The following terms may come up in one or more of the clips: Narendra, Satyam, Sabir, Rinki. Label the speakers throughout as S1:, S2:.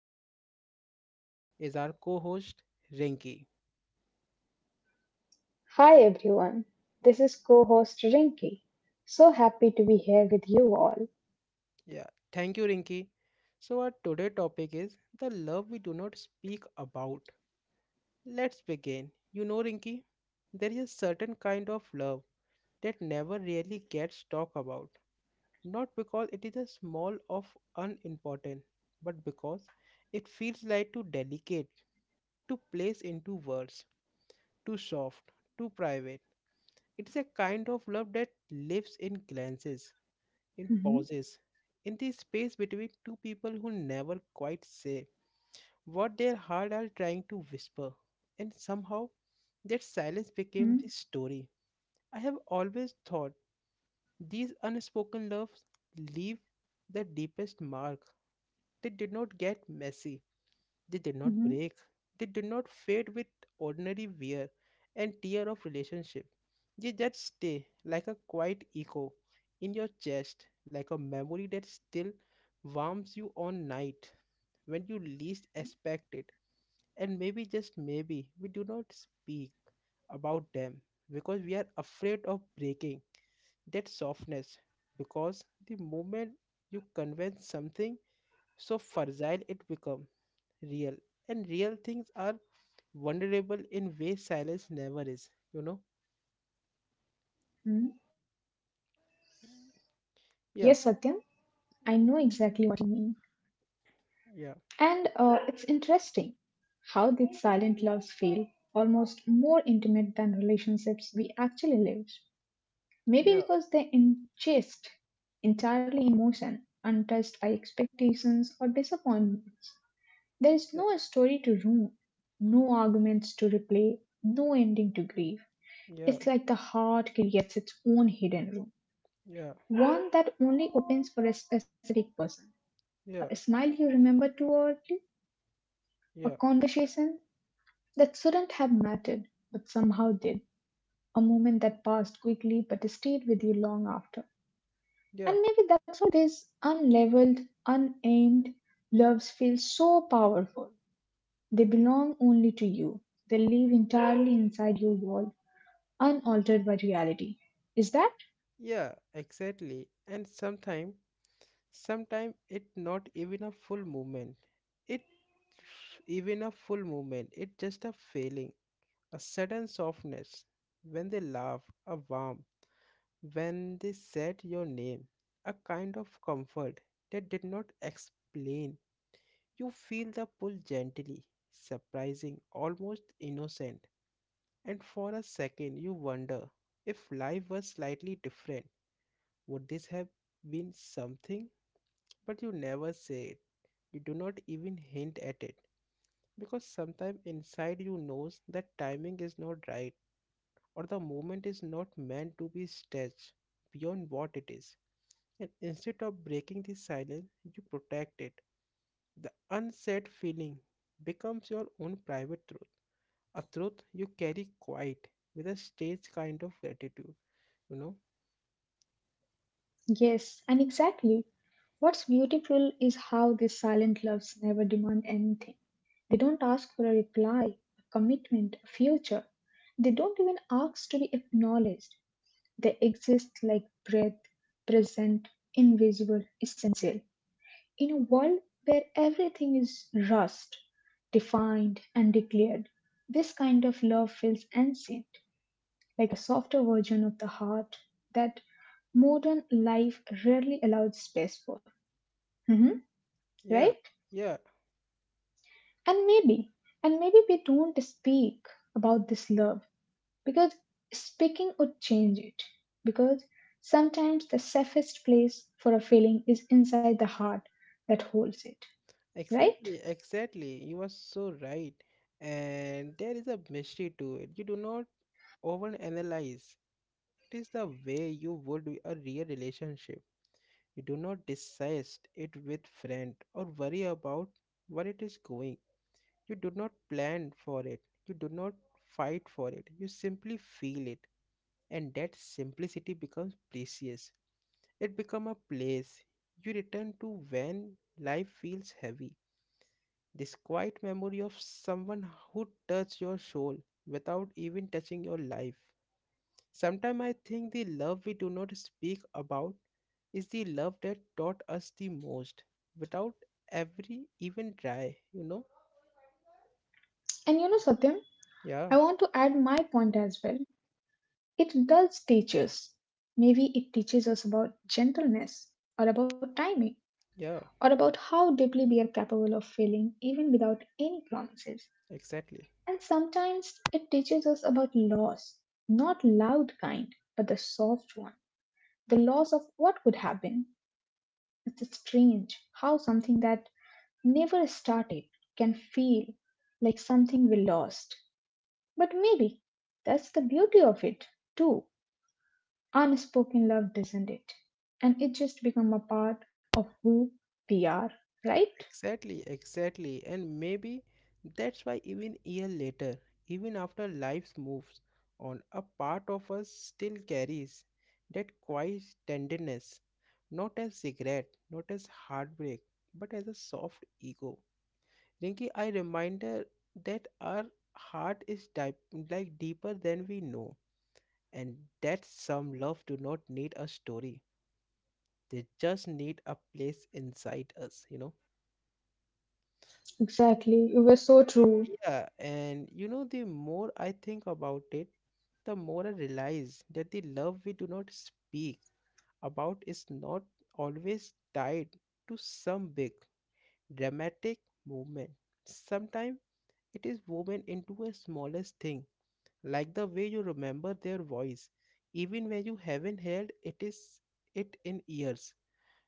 S1: and with me is our co host Rinki.
S2: Hi everyone, this is co host Rinki. So happy to be here with you all.
S1: Yeah, thank you, Rinki. So, our today topic is the love we do not speak about. Let's begin. You know, Rinki, there is a certain kind of love that never really gets talked about, not because it is a small of unimportant, but because it feels like too delicate, too place into words, too soft, too private. It's a kind of love that lives in glances, in
S2: Mm-hmm,
S1: pauses, in the space between two people who never quite say what their heart are trying to whisper. And somehow, that silence became
S2: mm-hmm,
S1: the story. I have always thought these unspoken loves leave the deepest mark. They did not get messy. They did not
S2: mm-hmm,
S1: break. They did not fade with ordinary wear and tear of relationship. They just stay like a quiet echo in your chest, like a memory that still warms you on night when you least expect it. And maybe just maybe we do not speak about them because we are afraid of breaking that softness because the moment you convince something so fragile it become real and real things are vulnerable in ways silence never is, you know?
S2: mm-hmm. Yes, Satyam,
S1: Yeah,
S2: I know exactly what you mean.
S1: yeah,
S2: And it's interesting how these silent loves feel almost more intimate than relationships we actually live. Maybe
S1: yeah,
S2: because they ingest entirely in emotion, untouched by expectations or disappointments. There is
S1: yeah,
S2: no story to ruin, no arguments to replay, no ending to grieve.
S1: yeah,
S2: It's like the heart creates its own hidden room,
S1: yeah, yeah,
S2: one that only opens for a specific person.
S1: yeah,
S2: A smile you remember too early, a conversation that shouldn't have mattered but somehow did, a moment that passed quickly but stayed with you long after.
S1: yeah,
S2: And maybe that's why this unleveled, unaimed loves feel so powerful. They belong only to you. They live entirely inside your wall, unaltered by reality. Is that?
S1: yeah, exactly. And sometime it not even a full movement, it it just a feeling, a sudden softness when they laugh, a warmth. When they said your name, a kind of comfort they did not explain. You feel the pull gently, surprising, almost innocent. And for a second, you wonder if life was slightly different, would this have been something? But you never say it. You do not even hint at it because sometimes inside you knows that timing is not right or the moment is not meant to be stretched beyond what it is. And instead of breaking the silence, you protect it. The unsaid feeling becomes your own private truth, a truth you carry quiet with a strange kind of gratitude, you know?
S2: Yes, and exactly. What's beautiful is how these silent loves never demand anything. They don't ask for a reply, a commitment, a future. They don't even ask to be acknowledged. They exist like breath, present, invisible, essential. In a world where everything is rushed, defined, and declared, this kind of love feels ancient, like a softer version of the heart that modern life rarely allows space for. Mhm,
S1: Yeah,
S2: right?
S1: yeah,
S2: And maybe, and maybe we don't speak about this love because speaking would change it. Because sometimes the safest place for a feeling is inside the heart that holds it. Right?
S1: exactly, exactly. You are so right. And there is a mystery to it. You do not overanalyze. It is the way you would a real relationship. You do not discuss it with friend or worry about where it is going. You do not plan for it. You do not fight for it. You simply feel it. And that simplicity becomes precious. It becomes a place you return to when life feels heavy. This quiet memory of someone who touched your soul without even touching your life. Sometimes I think the love we do not speak about is the love that taught us the most without every even try, you know?
S2: And you know, Satyam,
S1: Yeah,
S2: I want to add my point as well. It does teach us. Maybe it teaches us about gentleness, or about timing,
S1: yeah,
S2: or about how deeply we are capable of feeling even without any promises.
S1: exactly.
S2: And sometimes it teaches us about loss, not loud kind, but the soft one, the loss of what could have been. It's strange how something that never started can feel like something we lost. But maybe that's the beauty of it, too. Unspoken love doesn't it, and it just become a part of who we are, right?
S1: Exactly, exactly. And maybe that's why even year later, even after life moves on, a part of us still carries that quiet tenderness, not as regret, not as heartbreak, but as a soft ego. Rinki, I reminder that our heart is type like deeper than we know, and that some love do not need a story. They just need a place inside us, you know.
S2: Exactly, you were so true.
S1: Yeah, and you know, the more I think about it, the more I realize that the love we do not speak about is not always tied to some big dramatic movement. Sometimes it is woven into a smallest thing, like the way you remember their voice, even when you haven't heard it is it in years.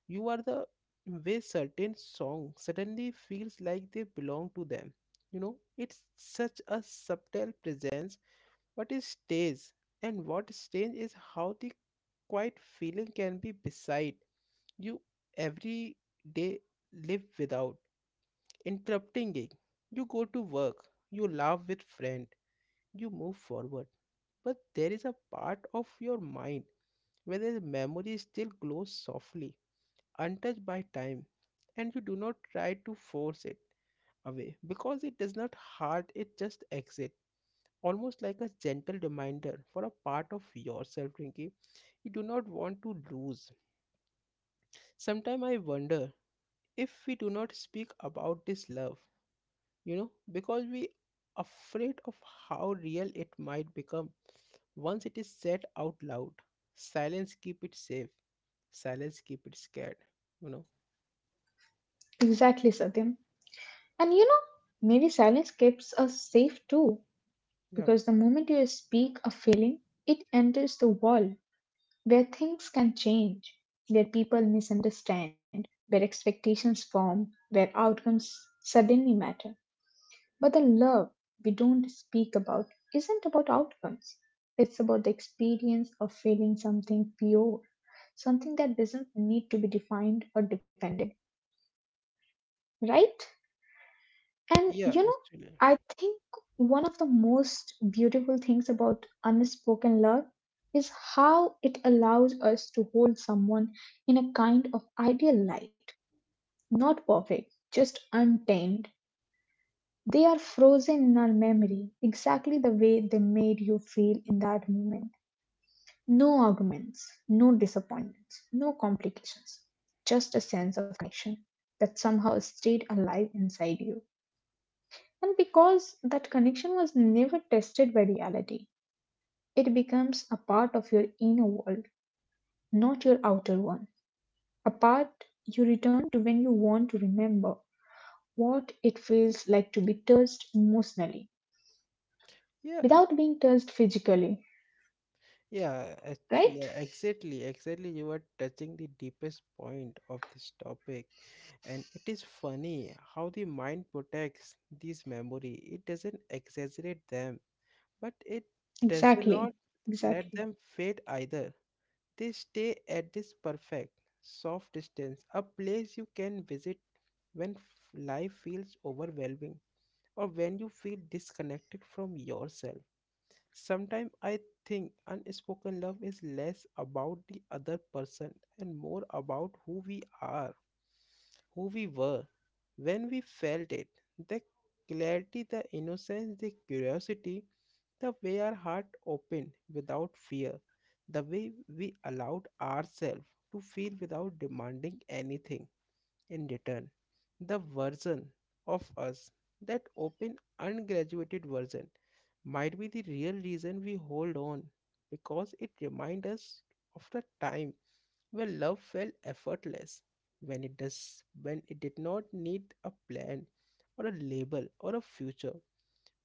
S1: You are the way certain song suddenly feels like they belong to them. You know, it's such a subtle presence, but it stays. And what strange is how the quiet feeling can be beside you every day live without interrupting it. You go to work, you laugh with friend, you move forward. But there is a part of your mind where the memory still glows softly untouched by time, and you do not try to force it away because it does not hurt, it just exit, almost like a gentle reminder for a part of yourself, Rinki, you do not want to lose. Sometimes I wonder if we do not speak about this love, you know, because we afraid of how real it might become once it is said out loud. Silence keep it safe, silence keep it scared, you know?
S2: Exactly, Satyam. And you know, maybe silence keeps us safe too
S1: Yeah,
S2: because the moment you speak a feeling it enters the world where things can change, where people misunderstand, where expectations form, where outcomes suddenly matter. But the love we don't speak about isn't about outcomes. It's about the experience of feeling something pure, something that doesn't need to be defined or depended, right? And
S1: yeah,
S2: you know,
S1: actually
S2: I think one of the most beautiful things about unspoken love is how it allows us to hold someone in a kind of ideal light, not perfect, just untamed. They are frozen in our memory, exactly the way they made you feel in that moment. No arguments, no disappointments, no complications, just a sense of connection that somehow stayed alive inside you. And because that connection was never tested by reality, it becomes a part of your inner world, not your outer one. A part you return to when you want to remember what it feels like to be touched emotionally
S1: yeah.
S2: without being touched physically.
S1: Yeah,
S2: Right?
S1: actually, exactly, exactly. You are touching the deepest point of this topic, and it is funny how the mind protects these memory. It doesn't exaggerate them, but it does
S2: Exactly,
S1: not let
S2: exactly,
S1: them fade either. They stay at this perfect, soft distance, a place you can visit when life feels overwhelming or when you feel disconnected from yourself. Sometimes I think unspoken love is less about the other person and more about who we are, who we were, when we felt it. The clarity, the innocence, the curiosity, the way our heart opened without fear, the way we allowed ourselves to feel without demanding anything. In return, the version of us, that open, ungraduated version, might be the real reason we hold on because it reminds us of the time when love felt effortless, when it does when it did not need a plan or a label or a future,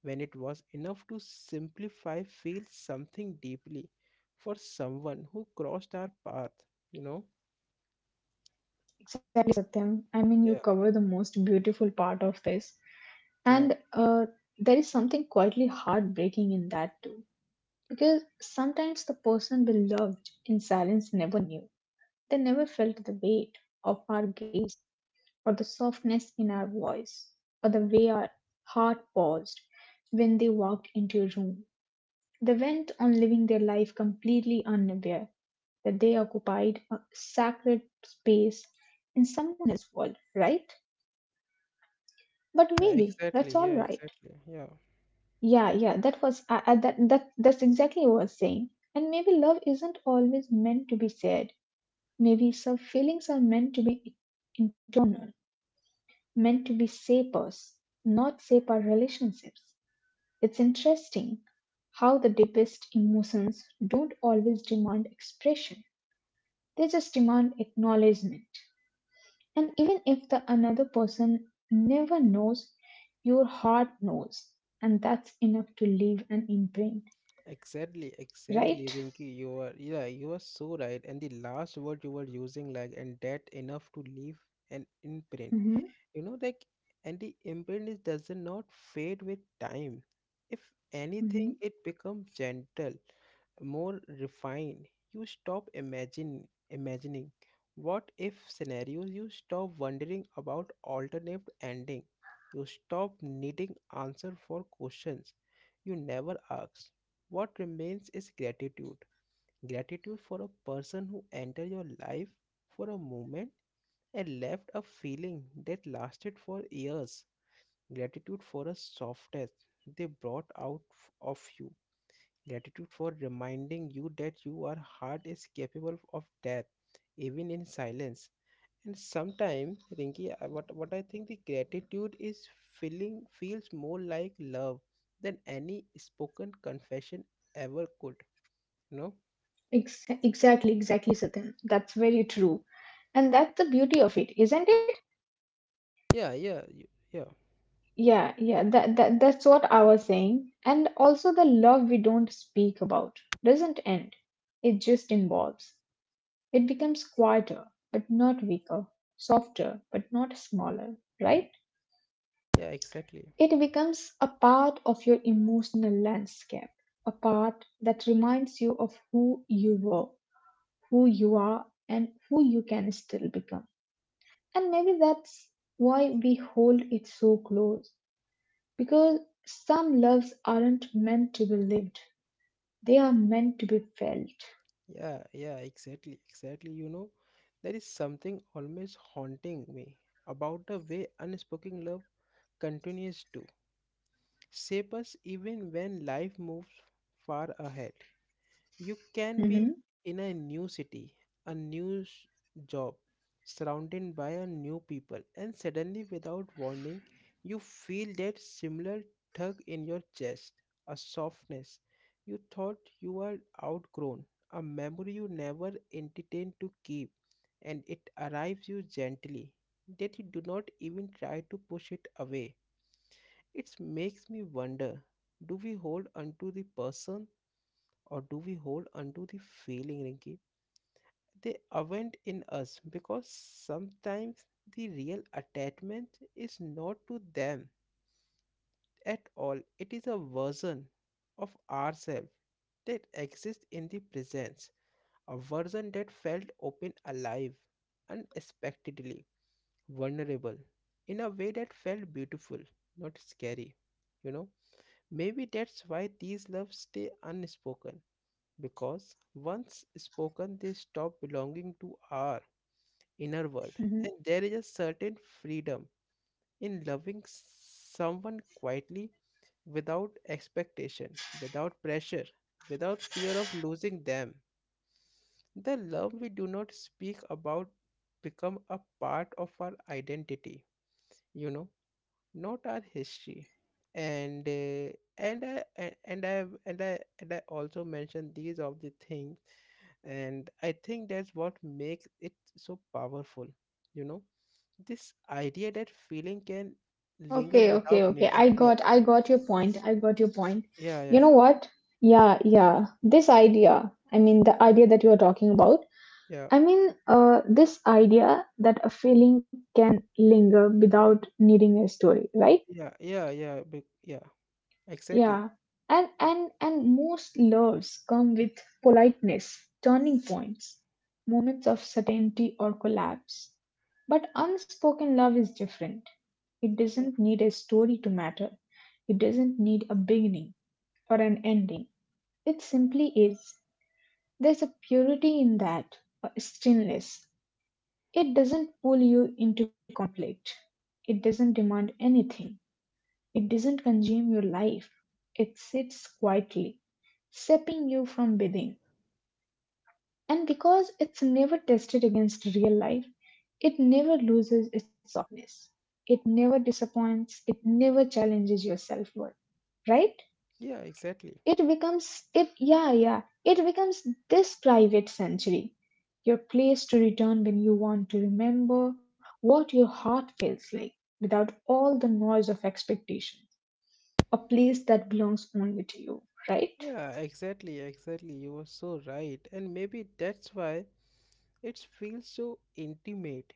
S1: when it was enough to simplify feel something deeply for someone who crossed our path, you know?
S2: exactly, Satyam. I mean,
S1: Yeah,
S2: you cover the most beautiful part of this,
S1: yeah.
S2: and there is something quietly heartbreaking in that too, because sometimes the person we loved in silence never knew. They never felt the weight of our gaze, or the softness in our voice, or the way our heart paused when they walked into a room. They went on living their life completely unaware that they occupied a sacred space in someone else's world, right? But maybe that's
S1: Exactly, yeah,
S2: all right.
S1: exactly. Yeah.
S2: Yeah, yeah, that was I- that that that's exactly what I was saying. And maybe love isn't always meant to be said. Maybe some feelings are meant to be internal, meant to be shape us, not shape our relationships. It's interesting how the deepest emotions don't always demand expression. They just demand acknowledgement. And even if the another person never knows, your heart knows. And that's enough to leave an imprint,
S1: Exactly, exactly,
S2: right?
S1: Rinky. You are so right. And the last word you were using, like, and that enough to leave an imprint,
S2: Mm-hmm.
S1: you know, like, and the imbalance does not fade with time. If
S2: Mm-hmm.
S1: anything it becomes gentle, more refined. You stop imagine imagining what if scenarios, you stop wondering about alternate ending, you stop needing answer for questions you never asked. What remains is gratitude, gratitude for a person who entered your life for a moment and left a feeling that lasted for years. Gratitude for a softness they brought out of you. Gratitude for reminding you that your heart is capable of death, even in silence. And sometimes, Rinki, what I think the gratitude is feeling feels more like love than any spoken confession ever could. You know?
S2: Exactly, Satyam. That's very true. And that's the beauty of it, isn't it?
S1: Yeah, yeah, yeah,
S2: Yeah, yeah, that's what I was saying. And also the love we don't speak about doesn't end. It just involves. It becomes quieter, but not weaker, softer, but not smaller, right?
S1: yeah, exactly.
S2: It becomes a part of your emotional landscape, a part that reminds you of who you were, who you are, and who you can still become. And maybe that's why we hold it so close, because some loves aren't meant to be lived, they are meant to be felt.
S1: Yeah, yeah, exactly, exactly. You know, there is something almost haunting me about the way unspoken love continues to shape us even when life moves far ahead. You can be
S2: Mhm,
S1: in a new city, a new job, surrounded by a new people, and suddenly, without warning, you feel that similar tug in your chest, a softness you thought you were outgrown, a memory you never intended to keep, and it arrives you gently that you do not even try to push it away. It makes me wonder, do we hold onto the person or do we hold onto the feeling, Rinky? They aren't in us because sometimes the real attachment is not to them at all. It is a version of ourselves that exists in the presence, a version that felt open, alive, unexpectedly, vulnerable, in a way that felt beautiful, not scary. You know, maybe that's why these loves stay unspoken because once spoken, they stop belonging to our inner world.
S2: mhm.
S1: And there is a certain freedom in loving someone quietly without expectation, without pressure, without fear of losing them. The love we do not speak about become a part of our identity, you know, not our history, and uh, and I and I and I also mentioned these of the things, and I think that's what makes it so powerful, you know, this idea that feeling can linger
S2: Okay,
S1: without
S2: okay, okay.
S1: needing
S2: I
S1: yeah,
S2: got, I got your point. I got your point.
S1: yeah,
S2: You
S1: yeah,
S2: know what? Yeah, yeah. This idea, I mean, the idea that you are talking about.
S1: yeah,
S2: I mean, this idea that a feeling can linger without needing a story, right?
S1: yeah, yeah, yeah, yeah, exactly.
S2: Yeah, and most loves come with politeness, turning points, moments of certainty or collapse. But unspoken love is different. It
S1: Yeah,
S2: doesn't need a story to matter. It doesn't need a beginning or an ending. It simply is. There's a purity in that, a stillness. It doesn't pull you into conflict. It doesn't demand anything. It doesn't consume your life. It sits quietly, sapping you from within. And because it's never tested against real life, it never loses its softness. It never disappoints. It never challenges your self worth. Right?
S1: yeah, exactly.
S2: it becomes it yeah yeah it becomes this private sanctuary, your place to return when you want to remember what your heart feels like without all the noise of expectation, a place that belongs only to you, right?
S1: Yeah, exactly, exactly. You were so right, and maybe that's why it feels so intimate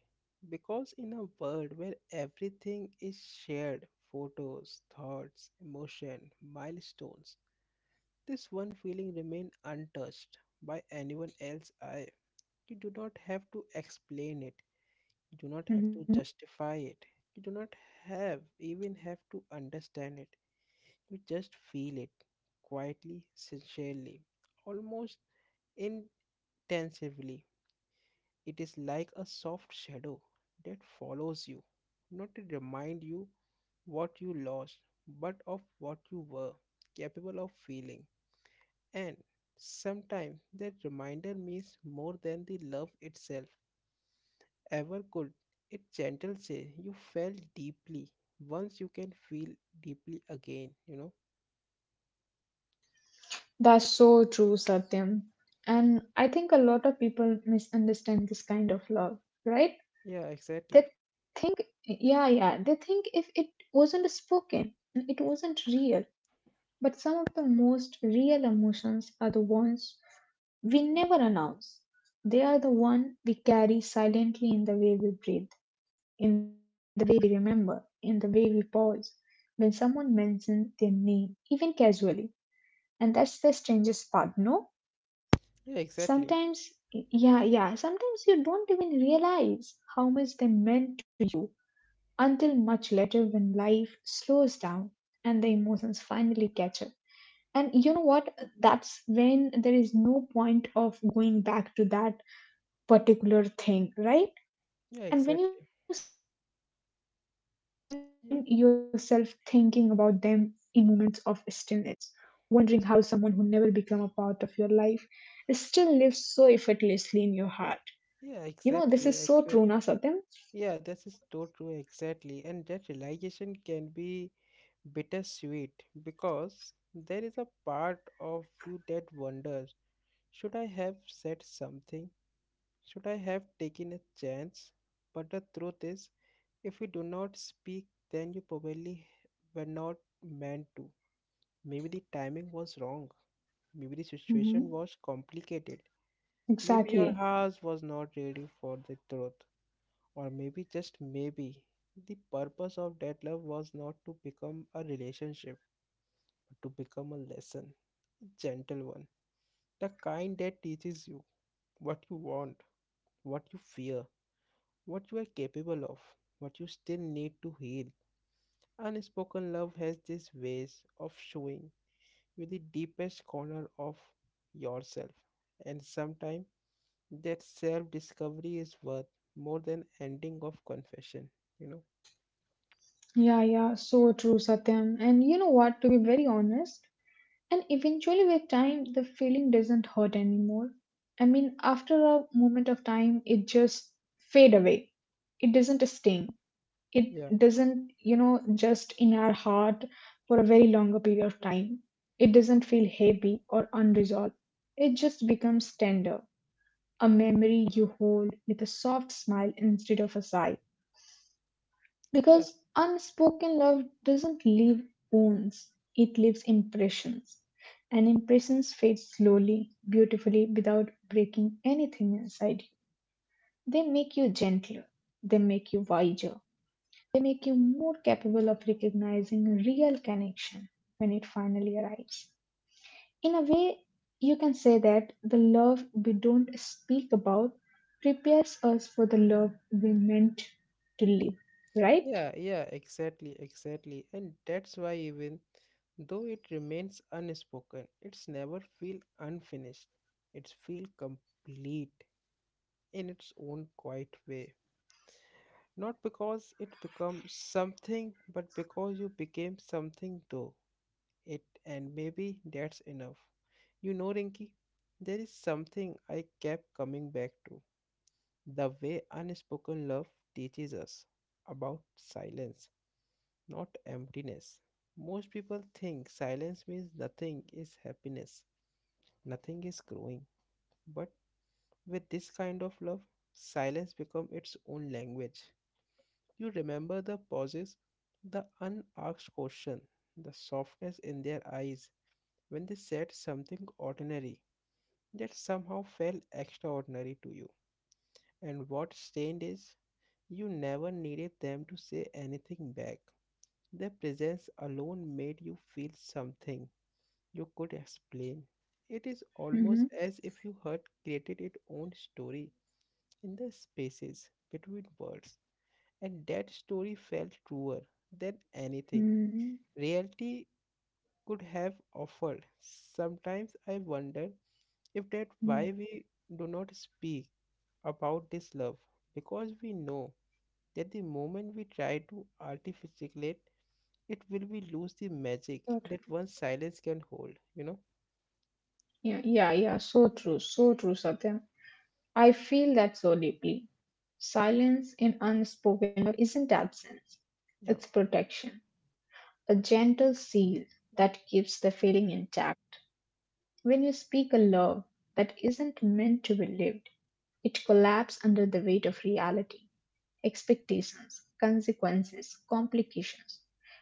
S1: because in a world where everything is shared, photos, thoughts, emotion, milestones, this one feeling remains untouched by anyone else's eye. You do not have to explain it, you do not have
S2: Mhm.
S1: to justify it, you do not have even have to understand it. You just feel it quietly, sincerely, almost intensively. It is like a soft shadow that follows you, not to remind you what you lost, but of what you were capable of feeling. And sometimes that reminder means more than the love itself ever could. It gentle say you felt deeply. Once you can feel deeply again, you know?
S2: That's so true, Satyam. And I think a lot of people misunderstand this kind of love, right?
S1: Yeah, exactly.
S2: They Yeah, yeah. They think if it wasn't spoken, it wasn't real. But some of the most real emotions are the ones we never announce. They are the one we carry silently in the way we breathe, in the way we remember, in the way we pause when someone mentions their name, even casually. And that's the strangest part, no?
S1: Yeah, exactly.
S2: Sometimes, yeah, yeah, sometimes you don't even realize how much they meant until much later when life slows down and the emotions finally catch up. And you know what? That's when there is no point of going back to that particular thing, right?
S1: Yeah,
S2: And when you
S1: exactly.
S2: suddenly find yourself thinking about
S1: Yeah,
S2: them in moments of stillness, wondering how someone who never became a part of your life still lives so effortlessly in your heart. You know, this is
S1: yeah,
S2: so true, na
S1: exactly. Yeah,
S2: Satyam?
S1: exactly. Yeah, this is so true, exactly. And that realization can be bittersweet because there is a part of you that wonders, should I have said something? Should I have taken a chance? But the truth is, if you do not speak, then you probably were not meant to. Maybe the timing was wrong. Maybe the situation
S2: Hmm.
S1: was complicated. Maybe your
S2: Exactly.
S1: house was not ready for the truth. Or maybe, just maybe, the purpose of that love was not to become a relationship, but to become a lesson, a gentle one. The kind that teaches you what you want, what you fear, what you are capable of, what you still need to heal. Unspoken love has this ways of showing you the deepest corner of yourself, and sometimes that self discovery is worth more than ending of confession, you know.
S2: Yeah, yeah, so true, Satyam. And you know what, to be very honest, and eventually with time, the feeling doesn't hurt anymore. I mean, after a moment of time, it just fade away. It doesn't sting.
S1: Yeah.
S2: It doesn't, you know, just in our heart for a very longer period of time. It doesn't feel heavy or unresolved. It just becomes tender, a memory you hold with a soft smile instead of a sigh.
S1: Yeah.
S2: Because unspoken love doesn't leave wounds, it leaves impressions. And impressions fade slowly, beautifully, without breaking anything inside you. They make you gentler, they make you wiser, they make you more capable of recognizing real connection when it finally arrives. In a way, you can say that the love we don't speak about prepares us for the love we meant to live, right?
S1: Yeah, exactly. And that's why even though it remains unspoken, it's never feel unfinished. It's feel complete in its own quiet way. Not because it becomes something, but because you became something though. It and maybe that's enough. You know, Rinki, there is something I kept coming back to. The way unspoken love teaches us about silence not emptiness. Most people think silence means nothing is happiness, nothing is growing. But with this kind of love, silence becomes its own language. You remember the pauses, the unasked question, the softness in their eyes when they said something ordinary that somehow felt extraordinary to you. And what strained is, you never needed them to say anything back. Their presence alone made you feel something you could explain. It is almost as if you had created its own story in the spaces between words, and that story felt truer than anything reality could have offered. Sometimes I wonder if that why
S2: Hmm.
S1: we do not speak about this love because we know that the moment we try to articulate it will we lose the magic
S2: So
S1: that
S2: true.
S1: one silence can hold.
S2: Yeah, yeah, yeah. So true. So true, Satyam. I feel that so deeply. Silence in unspoken love isn't absence,
S1: Yeah
S2: it's protection, a gentle seal that keeps the feeling intact. When you speak a love that isn't meant to be lived, it collapses under the weight of reality, expectations, consequences, complications.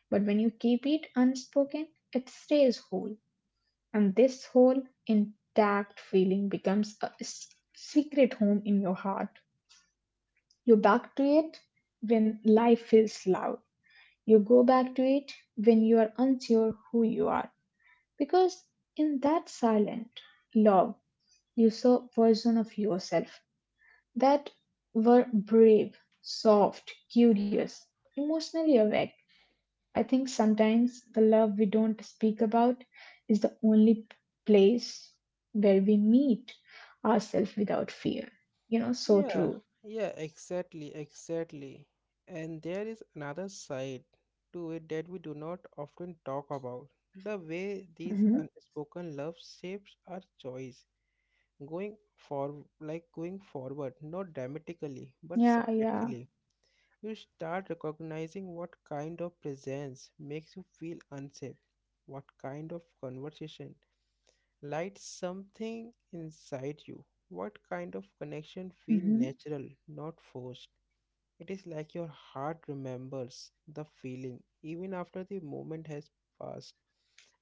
S2: But when you keep it unspoken, it stays whole. And this whole intact feeling becomes a secret home in your heart. You back to it when life feels loud. You go back to it when you are unsure who you are. Because in that silent love, you saw version of yourself that were brave, soft, curious, emotionally awake. I think sometimes the love we don't speak about is the only place where we meet ourselves without fear. You know, so
S1: Yeah,
S2: true.
S1: yeah, exactly. And there is another side to it that we do not often talk about. The way these
S2: Hmm.
S1: unspoken love shapes our choice, going for going forward, not dramatically, but
S2: Yeah, yeah.
S1: subjectively. You start recognizing what kind of presence makes you feel unsafe, what kind of conversation Light something inside you. What kind of connection feel
S2: Hmm.
S1: natural, not forced? It is like your heart remembers the feeling even after the moment has passed.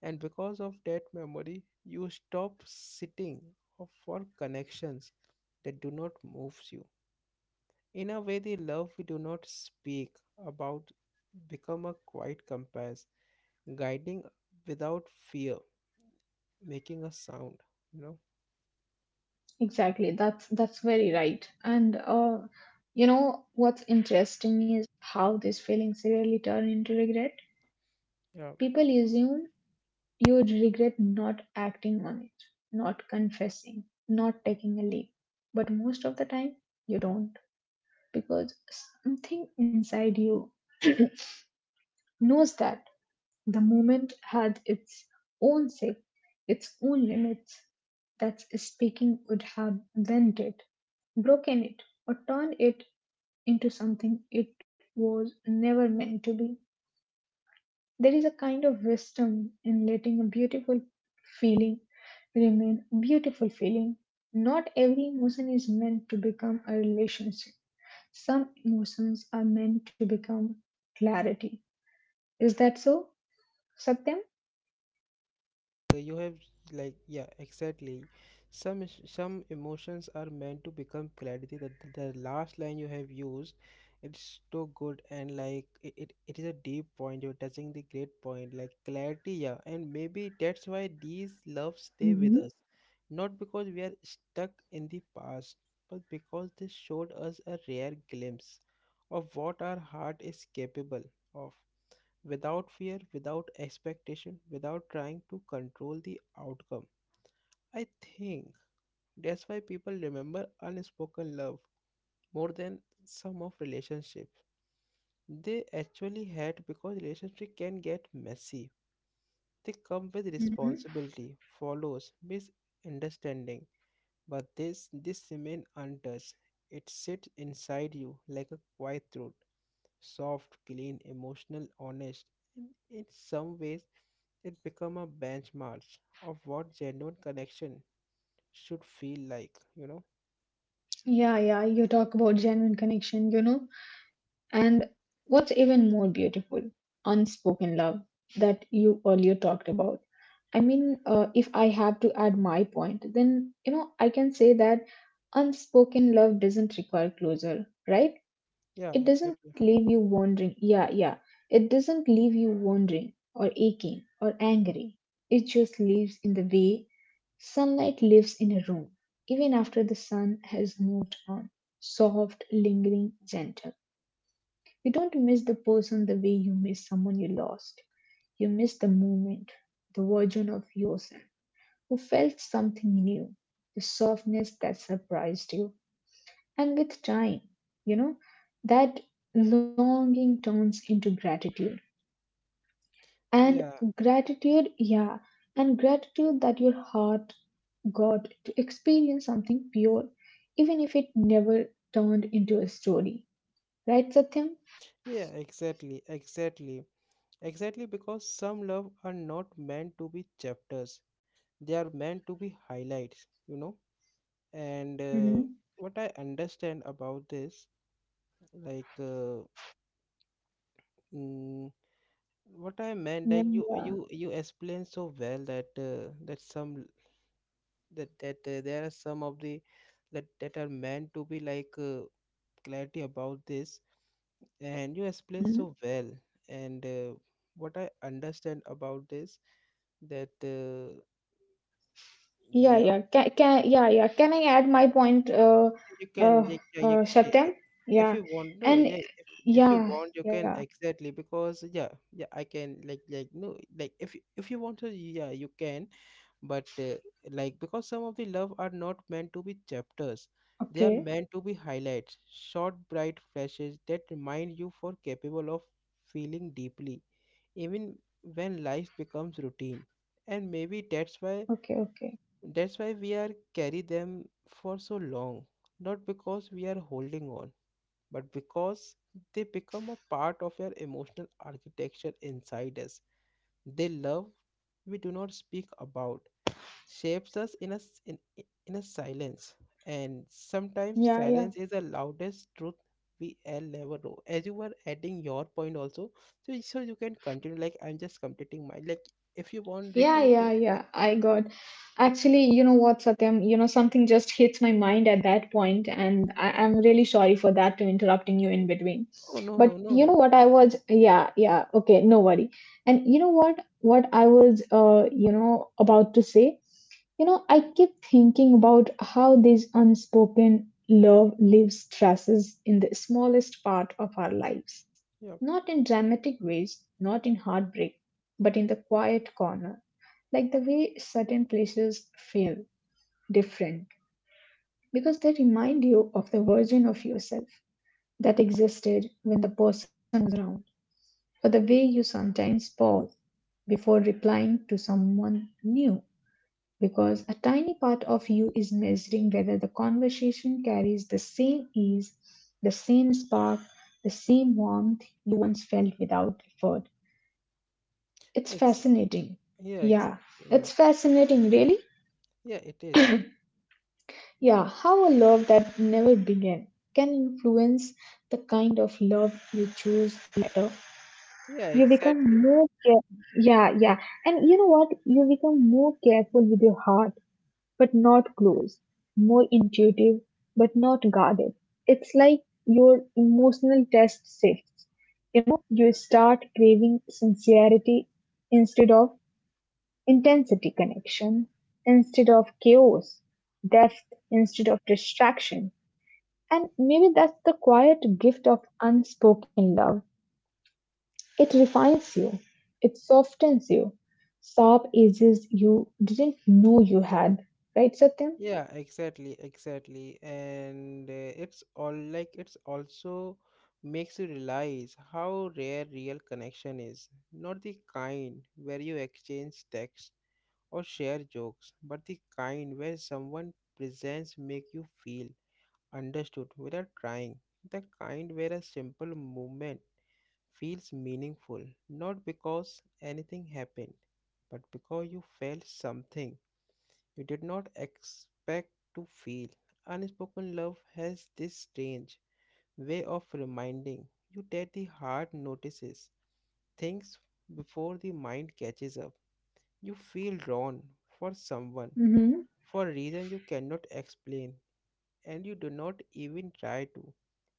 S1: And because of that memory, you stop sitting for connections that do not move you. In a way, the love we do not speak about become a quiet compass, guiding without fear, making a sound. You know?
S2: Exactly. That's very right. And you know what's interesting is how these feelings really turn into regret.
S1: Yeah.
S2: People assume you regret not acting on it, not confessing, not taking a leap. But most of the time, you don't because something inside you knows that the moment had its own shape, its own limits. That speaking would have bent broken it, or turned it into something it was never meant to be. There is a kind of wisdom in letting a beautiful feeling remain a beautiful feeling. Not every emotion is meant to become a relationship. Some emotions are meant to become clarity. Is that so, Satyam?
S1: You have yeah exactly some emotions are meant to become clarity the last line you have used it's so good and it is a deep point you're touching the great point like clarity yeah and maybe that's why these loves stay with us
S2: hmm
S1: not because we are stuck in the past but because they showed us a rare glimpse of what our heart is capable of without fear, without expectation, without trying to control the outcome. I think that's why people remember unspoken love more than some of relationships they actually had because relationship can get messy. They come with
S2: hmm
S1: responsibility, follows, misunderstanding, but this remain untouched. It sits inside you like a quiet truth soft, clean, emotional, honest, and in some ways it become a benchmark of what genuine connection should feel like, you know?
S2: Yeah, yeah, you talk about genuine connection, you know, and what's even more beautiful, unspoken love that you earlier talked about. I mean, if I have to add my point, then, you know, I can say that unspoken love doesn't require closure, right?
S1: Yeah,
S2: It doesn't
S1: exactly.
S2: leave you wondering, yeah, yeah, it doesn't leave you wondering or aching or angry. It just lives in the way sunlight lives in a room even after the sun has moved on, soft, lingering, gentle. You don't miss the person the way you miss someone you lost. You miss the moment, the version of yourself who felt something new, the softness that surprised you. And with time, you know, that longing turns into gratitude. And
S1: Yeah,
S2: gratitude, yeah, and gratitude that your heart got to experience something pure, even if it never turned into a story. Right, Satyam?
S1: yeah, exactly. Because some love are not meant to be chapters. They are meant to be highlights, you know? And
S2: Mm-hmm.
S1: What I understand about this, like uh, mm, what I meant
S2: Yeah,
S1: like you
S2: yeah.
S1: you you explained so well that that some that that there are some of the that are meant to be clarity about this and you explained
S2: hmm
S1: so well and what I understand about this that
S2: Yeah,
S1: yeah
S2: yeah. Yeah, yeah. Can I add my point,
S1: you
S2: uh,
S1: can yeah, yeah.
S2: Satyam?
S1: If
S2: Yeah.
S1: you want no
S2: And
S1: yeah if you
S2: yeah,
S1: want you
S2: yeah.
S1: can exactly because yeah yeah I can no like if you want to yeah you can but like because some of the love are not meant to be chapters they are
S2: Okay,
S1: meant to be highlights short bright flashes that remind you for capable of feeling deeply even when life becomes routine and maybe
S2: okay, okay.
S1: that's why we are carry them for so long not because we are holding on but because they become a part of your emotional architecture inside us they love we do not speak about shapes us in in a silence and sometimes
S2: Yeah, yeah.
S1: silence is the loudest truth we will ever know as you were adding your point also so you can continue like I'm just completing my like if you want Ricky,
S2: Yeah,
S1: you can
S2: yeah,
S1: yeah.
S2: yeah. I got actually, you know what, Satyam, something just hits my mind at that point, and I'm really sorry for that to interrupting you in between.
S1: Oh no no
S2: But you
S1: no
S2: know
S1: no
S2: what, I was, yeah, yeah, okay, no worry. And you know what I was, you know, about to say, you know, I keep thinking about how this unspoken love leaves traces in the smallest part of our lives,
S1: yeah
S2: not in dramatic ways, not in heartbreak, but in the quiet corner, like the way certain places feel different because they remind you of the version of yourself that existed when the person was around, or the way you sometimes pause before replying to someone new because a tiny part of you is measuring whether the conversation carries the same ease, the same spark, the same warmth you once felt without effort. It's
S1: ex-
S2: fascinating.
S1: yeah exactly
S2: Yeah,
S1: yeah
S2: it's fascinating, really.
S1: yeah it is
S2: Yeah, how a love that never began can influence the kind of love you choose later.
S1: yeah
S2: You
S1: exactly
S2: become more care-, yeah, yeah. And you know what? You become more careful with your heart, but not close. More intuitive, but not guarded. It's like your emotional test shifts. You know, you start craving sincerity instead of intensity, connection instead of chaos, depth instead of distraction, and maybe that's the quiet gift of unspoken love. It refines you, it softens you, sharp edges you didn't know you had. Right, Satyam?
S1: yeah exactly exactly and it's all like it's also makes you realize how rare real connection is not the kind where you exchange text or share jokes but the kind where someone presents make you feel understood without trying the kind where a simple movement feels meaningful not because anything happened but because you felt something you did not expect to feel. Unspoken love has this strange way of reminding you that the heart notices things before the mind catches up. You feel drawn for someone
S2: hmm
S1: for a reason you cannot explain, and you do not even try to.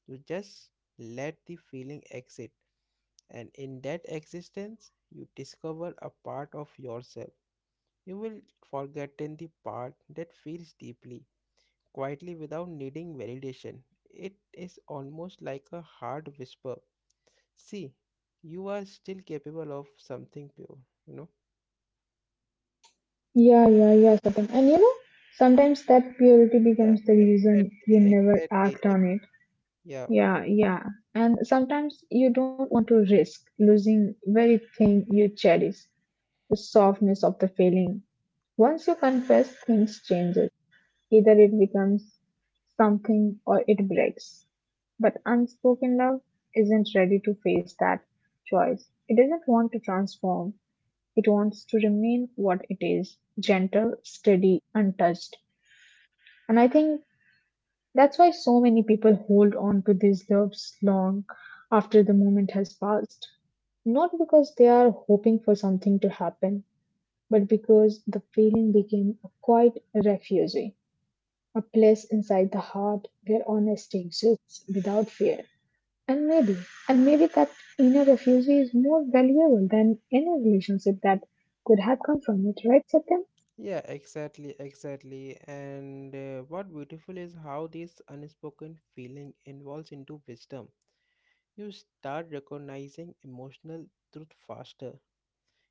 S1: You just let the feeling exit, and in that existence, you discover a part of yourself. You will forget the part that feels deeply quietly without needing validation. It is almost like a hard whisper. See, you are still capable of something pure, you know?
S2: Yeah, yeah, yeah, Satyam. And you know, sometimes that purity
S1: Yeah,
S2: becomes the reason you
S1: exactly,
S2: never act
S1: exactly.
S2: on
S1: Ex-
S2: it.
S1: yeah,
S2: Yeah, yeah. And sometimes you don't want to risk losing very thing you cherish, the softness of the feeling. Once you confess, things change. Either it becomes something or it breaks. But unspoken love isn't ready to face that choice. It doesn't want to transform, it wants to remain what it is, gentle, steady, untouched. And I think that's why so many people hold on to these loves long after the moment has passed. Not because they are hoping for something to happen, but because the feeling became a quiet refugee, a place inside the heart where honesty exists without fear. And maybe, and maybe that inner refuge is more valuable than any relationship that could have come from it, right, Satyam?
S1: yeah, exactly. And what beautiful is how this unspoken feeling evolves into wisdom. You start recognizing emotional truth faster.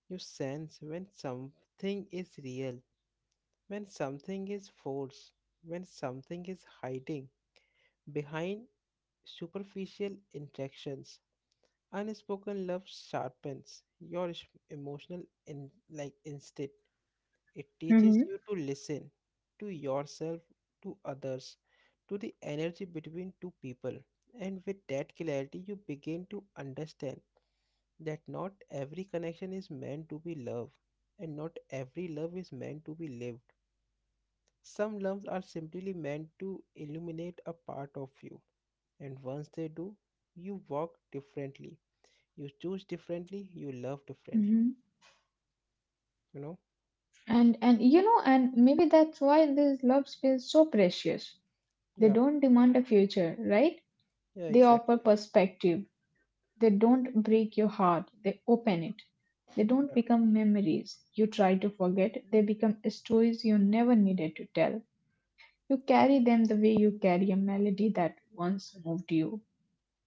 S1: You sense when something is real When something is forced, when something is hiding behind superficial interactions, unspoken love sharpens your emotional in like instinct. It teaches
S2: Mm-hmm.
S1: you to listen to yourself, to others, to the energy between two people. And with that clarity, you begin to understand that not every connection is meant to be love, and not every love is meant to be lived. Some loves are simply meant to illuminate a part of you, and once they do, you walk differently, you choose differently, you love differently.
S2: Mm-hmm.
S1: You know?
S2: And you know, and maybe that's why these loves feel so precious. They
S1: Yeah.
S2: don't demand a future, right?
S1: Yeah.
S2: They offer
S1: Exactly.
S2: perspective. They don't break your heart. They open it. They don't
S1: Yeah.
S2: become memories you try to forget. They become stories you never needed to tell. You carry them the way you carry a melody that once moved you.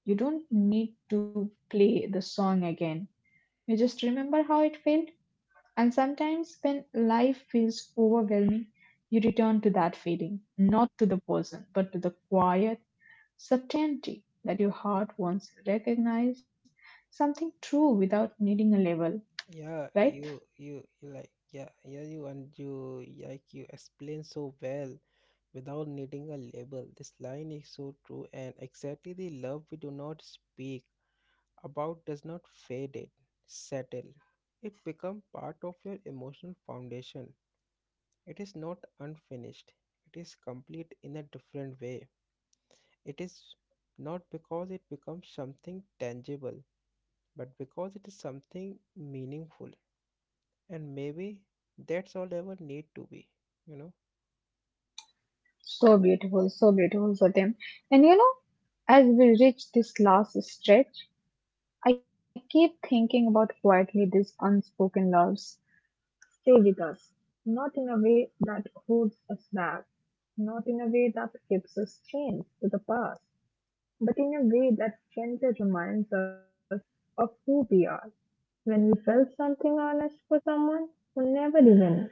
S2: You don't need to play the song again. You just remember how it felt. And sometimes when life feels overwhelming, you return to that feeling, not to the person, but to the quiet certainty that your heart once recognized something true without needing a label,
S1: Yeah.
S2: right?
S1: You. Like. Yeah. Yeah. You and you. Like you explain so well without needing a label. This line is so true, and exactly the love we do not speak about does not fade it, settle. It become part of your emotional foundation It is not unfinished, it is complete in a different way. It is not because it becomes something tangible, but because it is something meaningful. And maybe that's all ever need to be, you know?
S2: So beautiful, Satyam. And you know, as we reach this last stretch, I keep thinking about quietly these unspoken loves stay with us, not in a way that holds us back, not in a way that keeps us chained to the past, but in a way that gently reminds us of who we are. When we felt something honest for someone who never even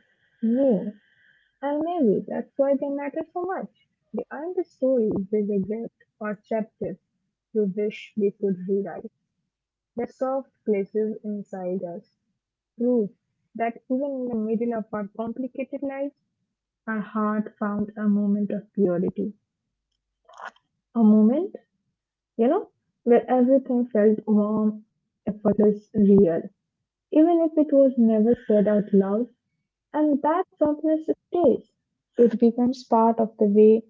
S2: knew, and maybe that's why they matter so much. They aren't the stories we regret or chapters we wish we could rewrite. They're soft places inside us, proof that even in the middle of our complicated lives, our heart found a moment of purity. A moment, you know, where everything felt warm, effortless, real, even if it was never said out loud. And that softness stays. It becomes part of the way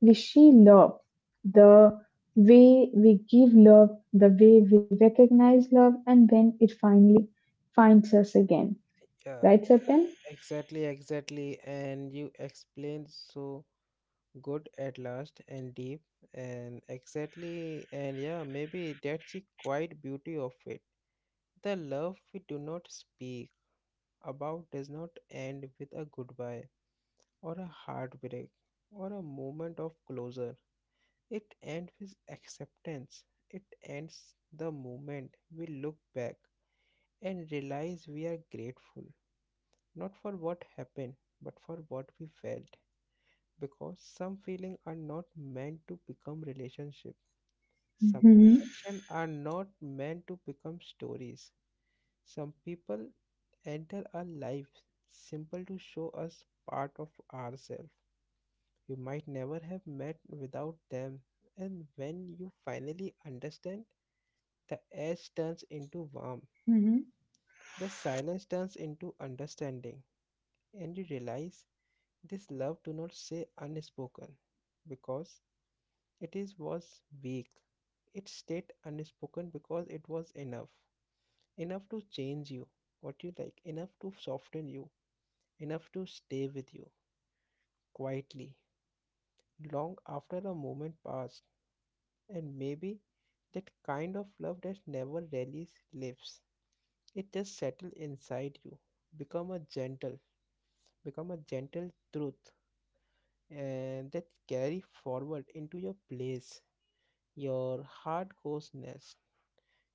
S2: we see love, the way we give love, the way we recognize love, and when it finally finds us again.
S1: Yeah,
S2: Right, Satyam?
S1: exactly, exactly. And you explained so good at last and deep and exactly and yeah maybe that's the quiet beauty of it the love we do not speak about does not end with a goodbye or a heartbreak or a moment of closure. It ends with acceptance. It ends the moment we look back and realize we are grateful, not for what happened, but for what we felt. Because some feelings are not meant to become relationships, some
S2: Mhm.
S1: connections are not meant to become stories. Some people enter our lives simple to show us part of ourselves you might never have met without them. And when you finally understand, the edge turns into warmth,
S2: hmm
S1: the silence turns into understanding, and you realize this love do not say unspoken because it is was weak. It stayed unspoken because it was enough, enough to change you, what you like, enough to soften you, enough to stay with you quietly long after a moment passed, and maybe that kind of love that never really lives. It just settles inside you, become a gentle, become a gentle truth, and that carry forward into your place, your heart goes nest.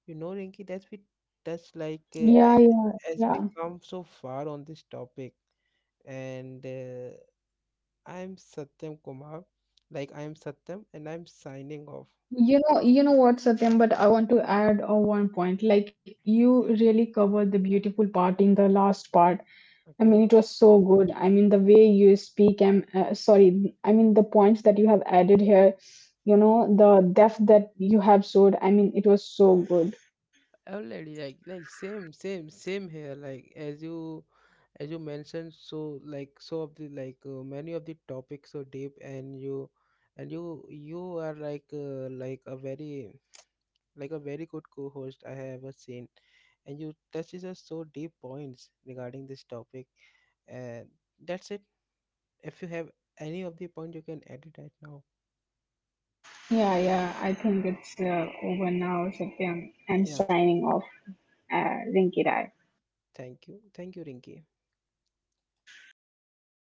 S1: You know, Rinky, that we touch like
S2: Yeah, yeah,
S1: as we
S2: yeah.
S1: come so far on this topic, and I'm Satyam Kumar, like I'm Satyam, and I'm signing off.
S2: You know what, Satyam, but I want to add one point. Like you
S1: Yeah.
S2: really covered the beautiful part in the last part. I
S1: Okay.
S2: mean, it was so good. I mean, the way you speak and sorry, I mean the points that you have added here, you know, the depth that you have showed. I mean, it was so good.
S1: Already, same here. Like as you mentioned, so like so of the many of the topics are deep, and you and you are like like a very good co-host I have ever seen, and you touches us so deep points regarding this topic, and that's it. If you have any of the point, you can add it right now.
S2: Yeah, yeah. I think it's over now, Satyam. I'm
S1: Yeah,
S2: signing off. Rinki Rai.
S1: thank you, Rinki.
S2: Thank you.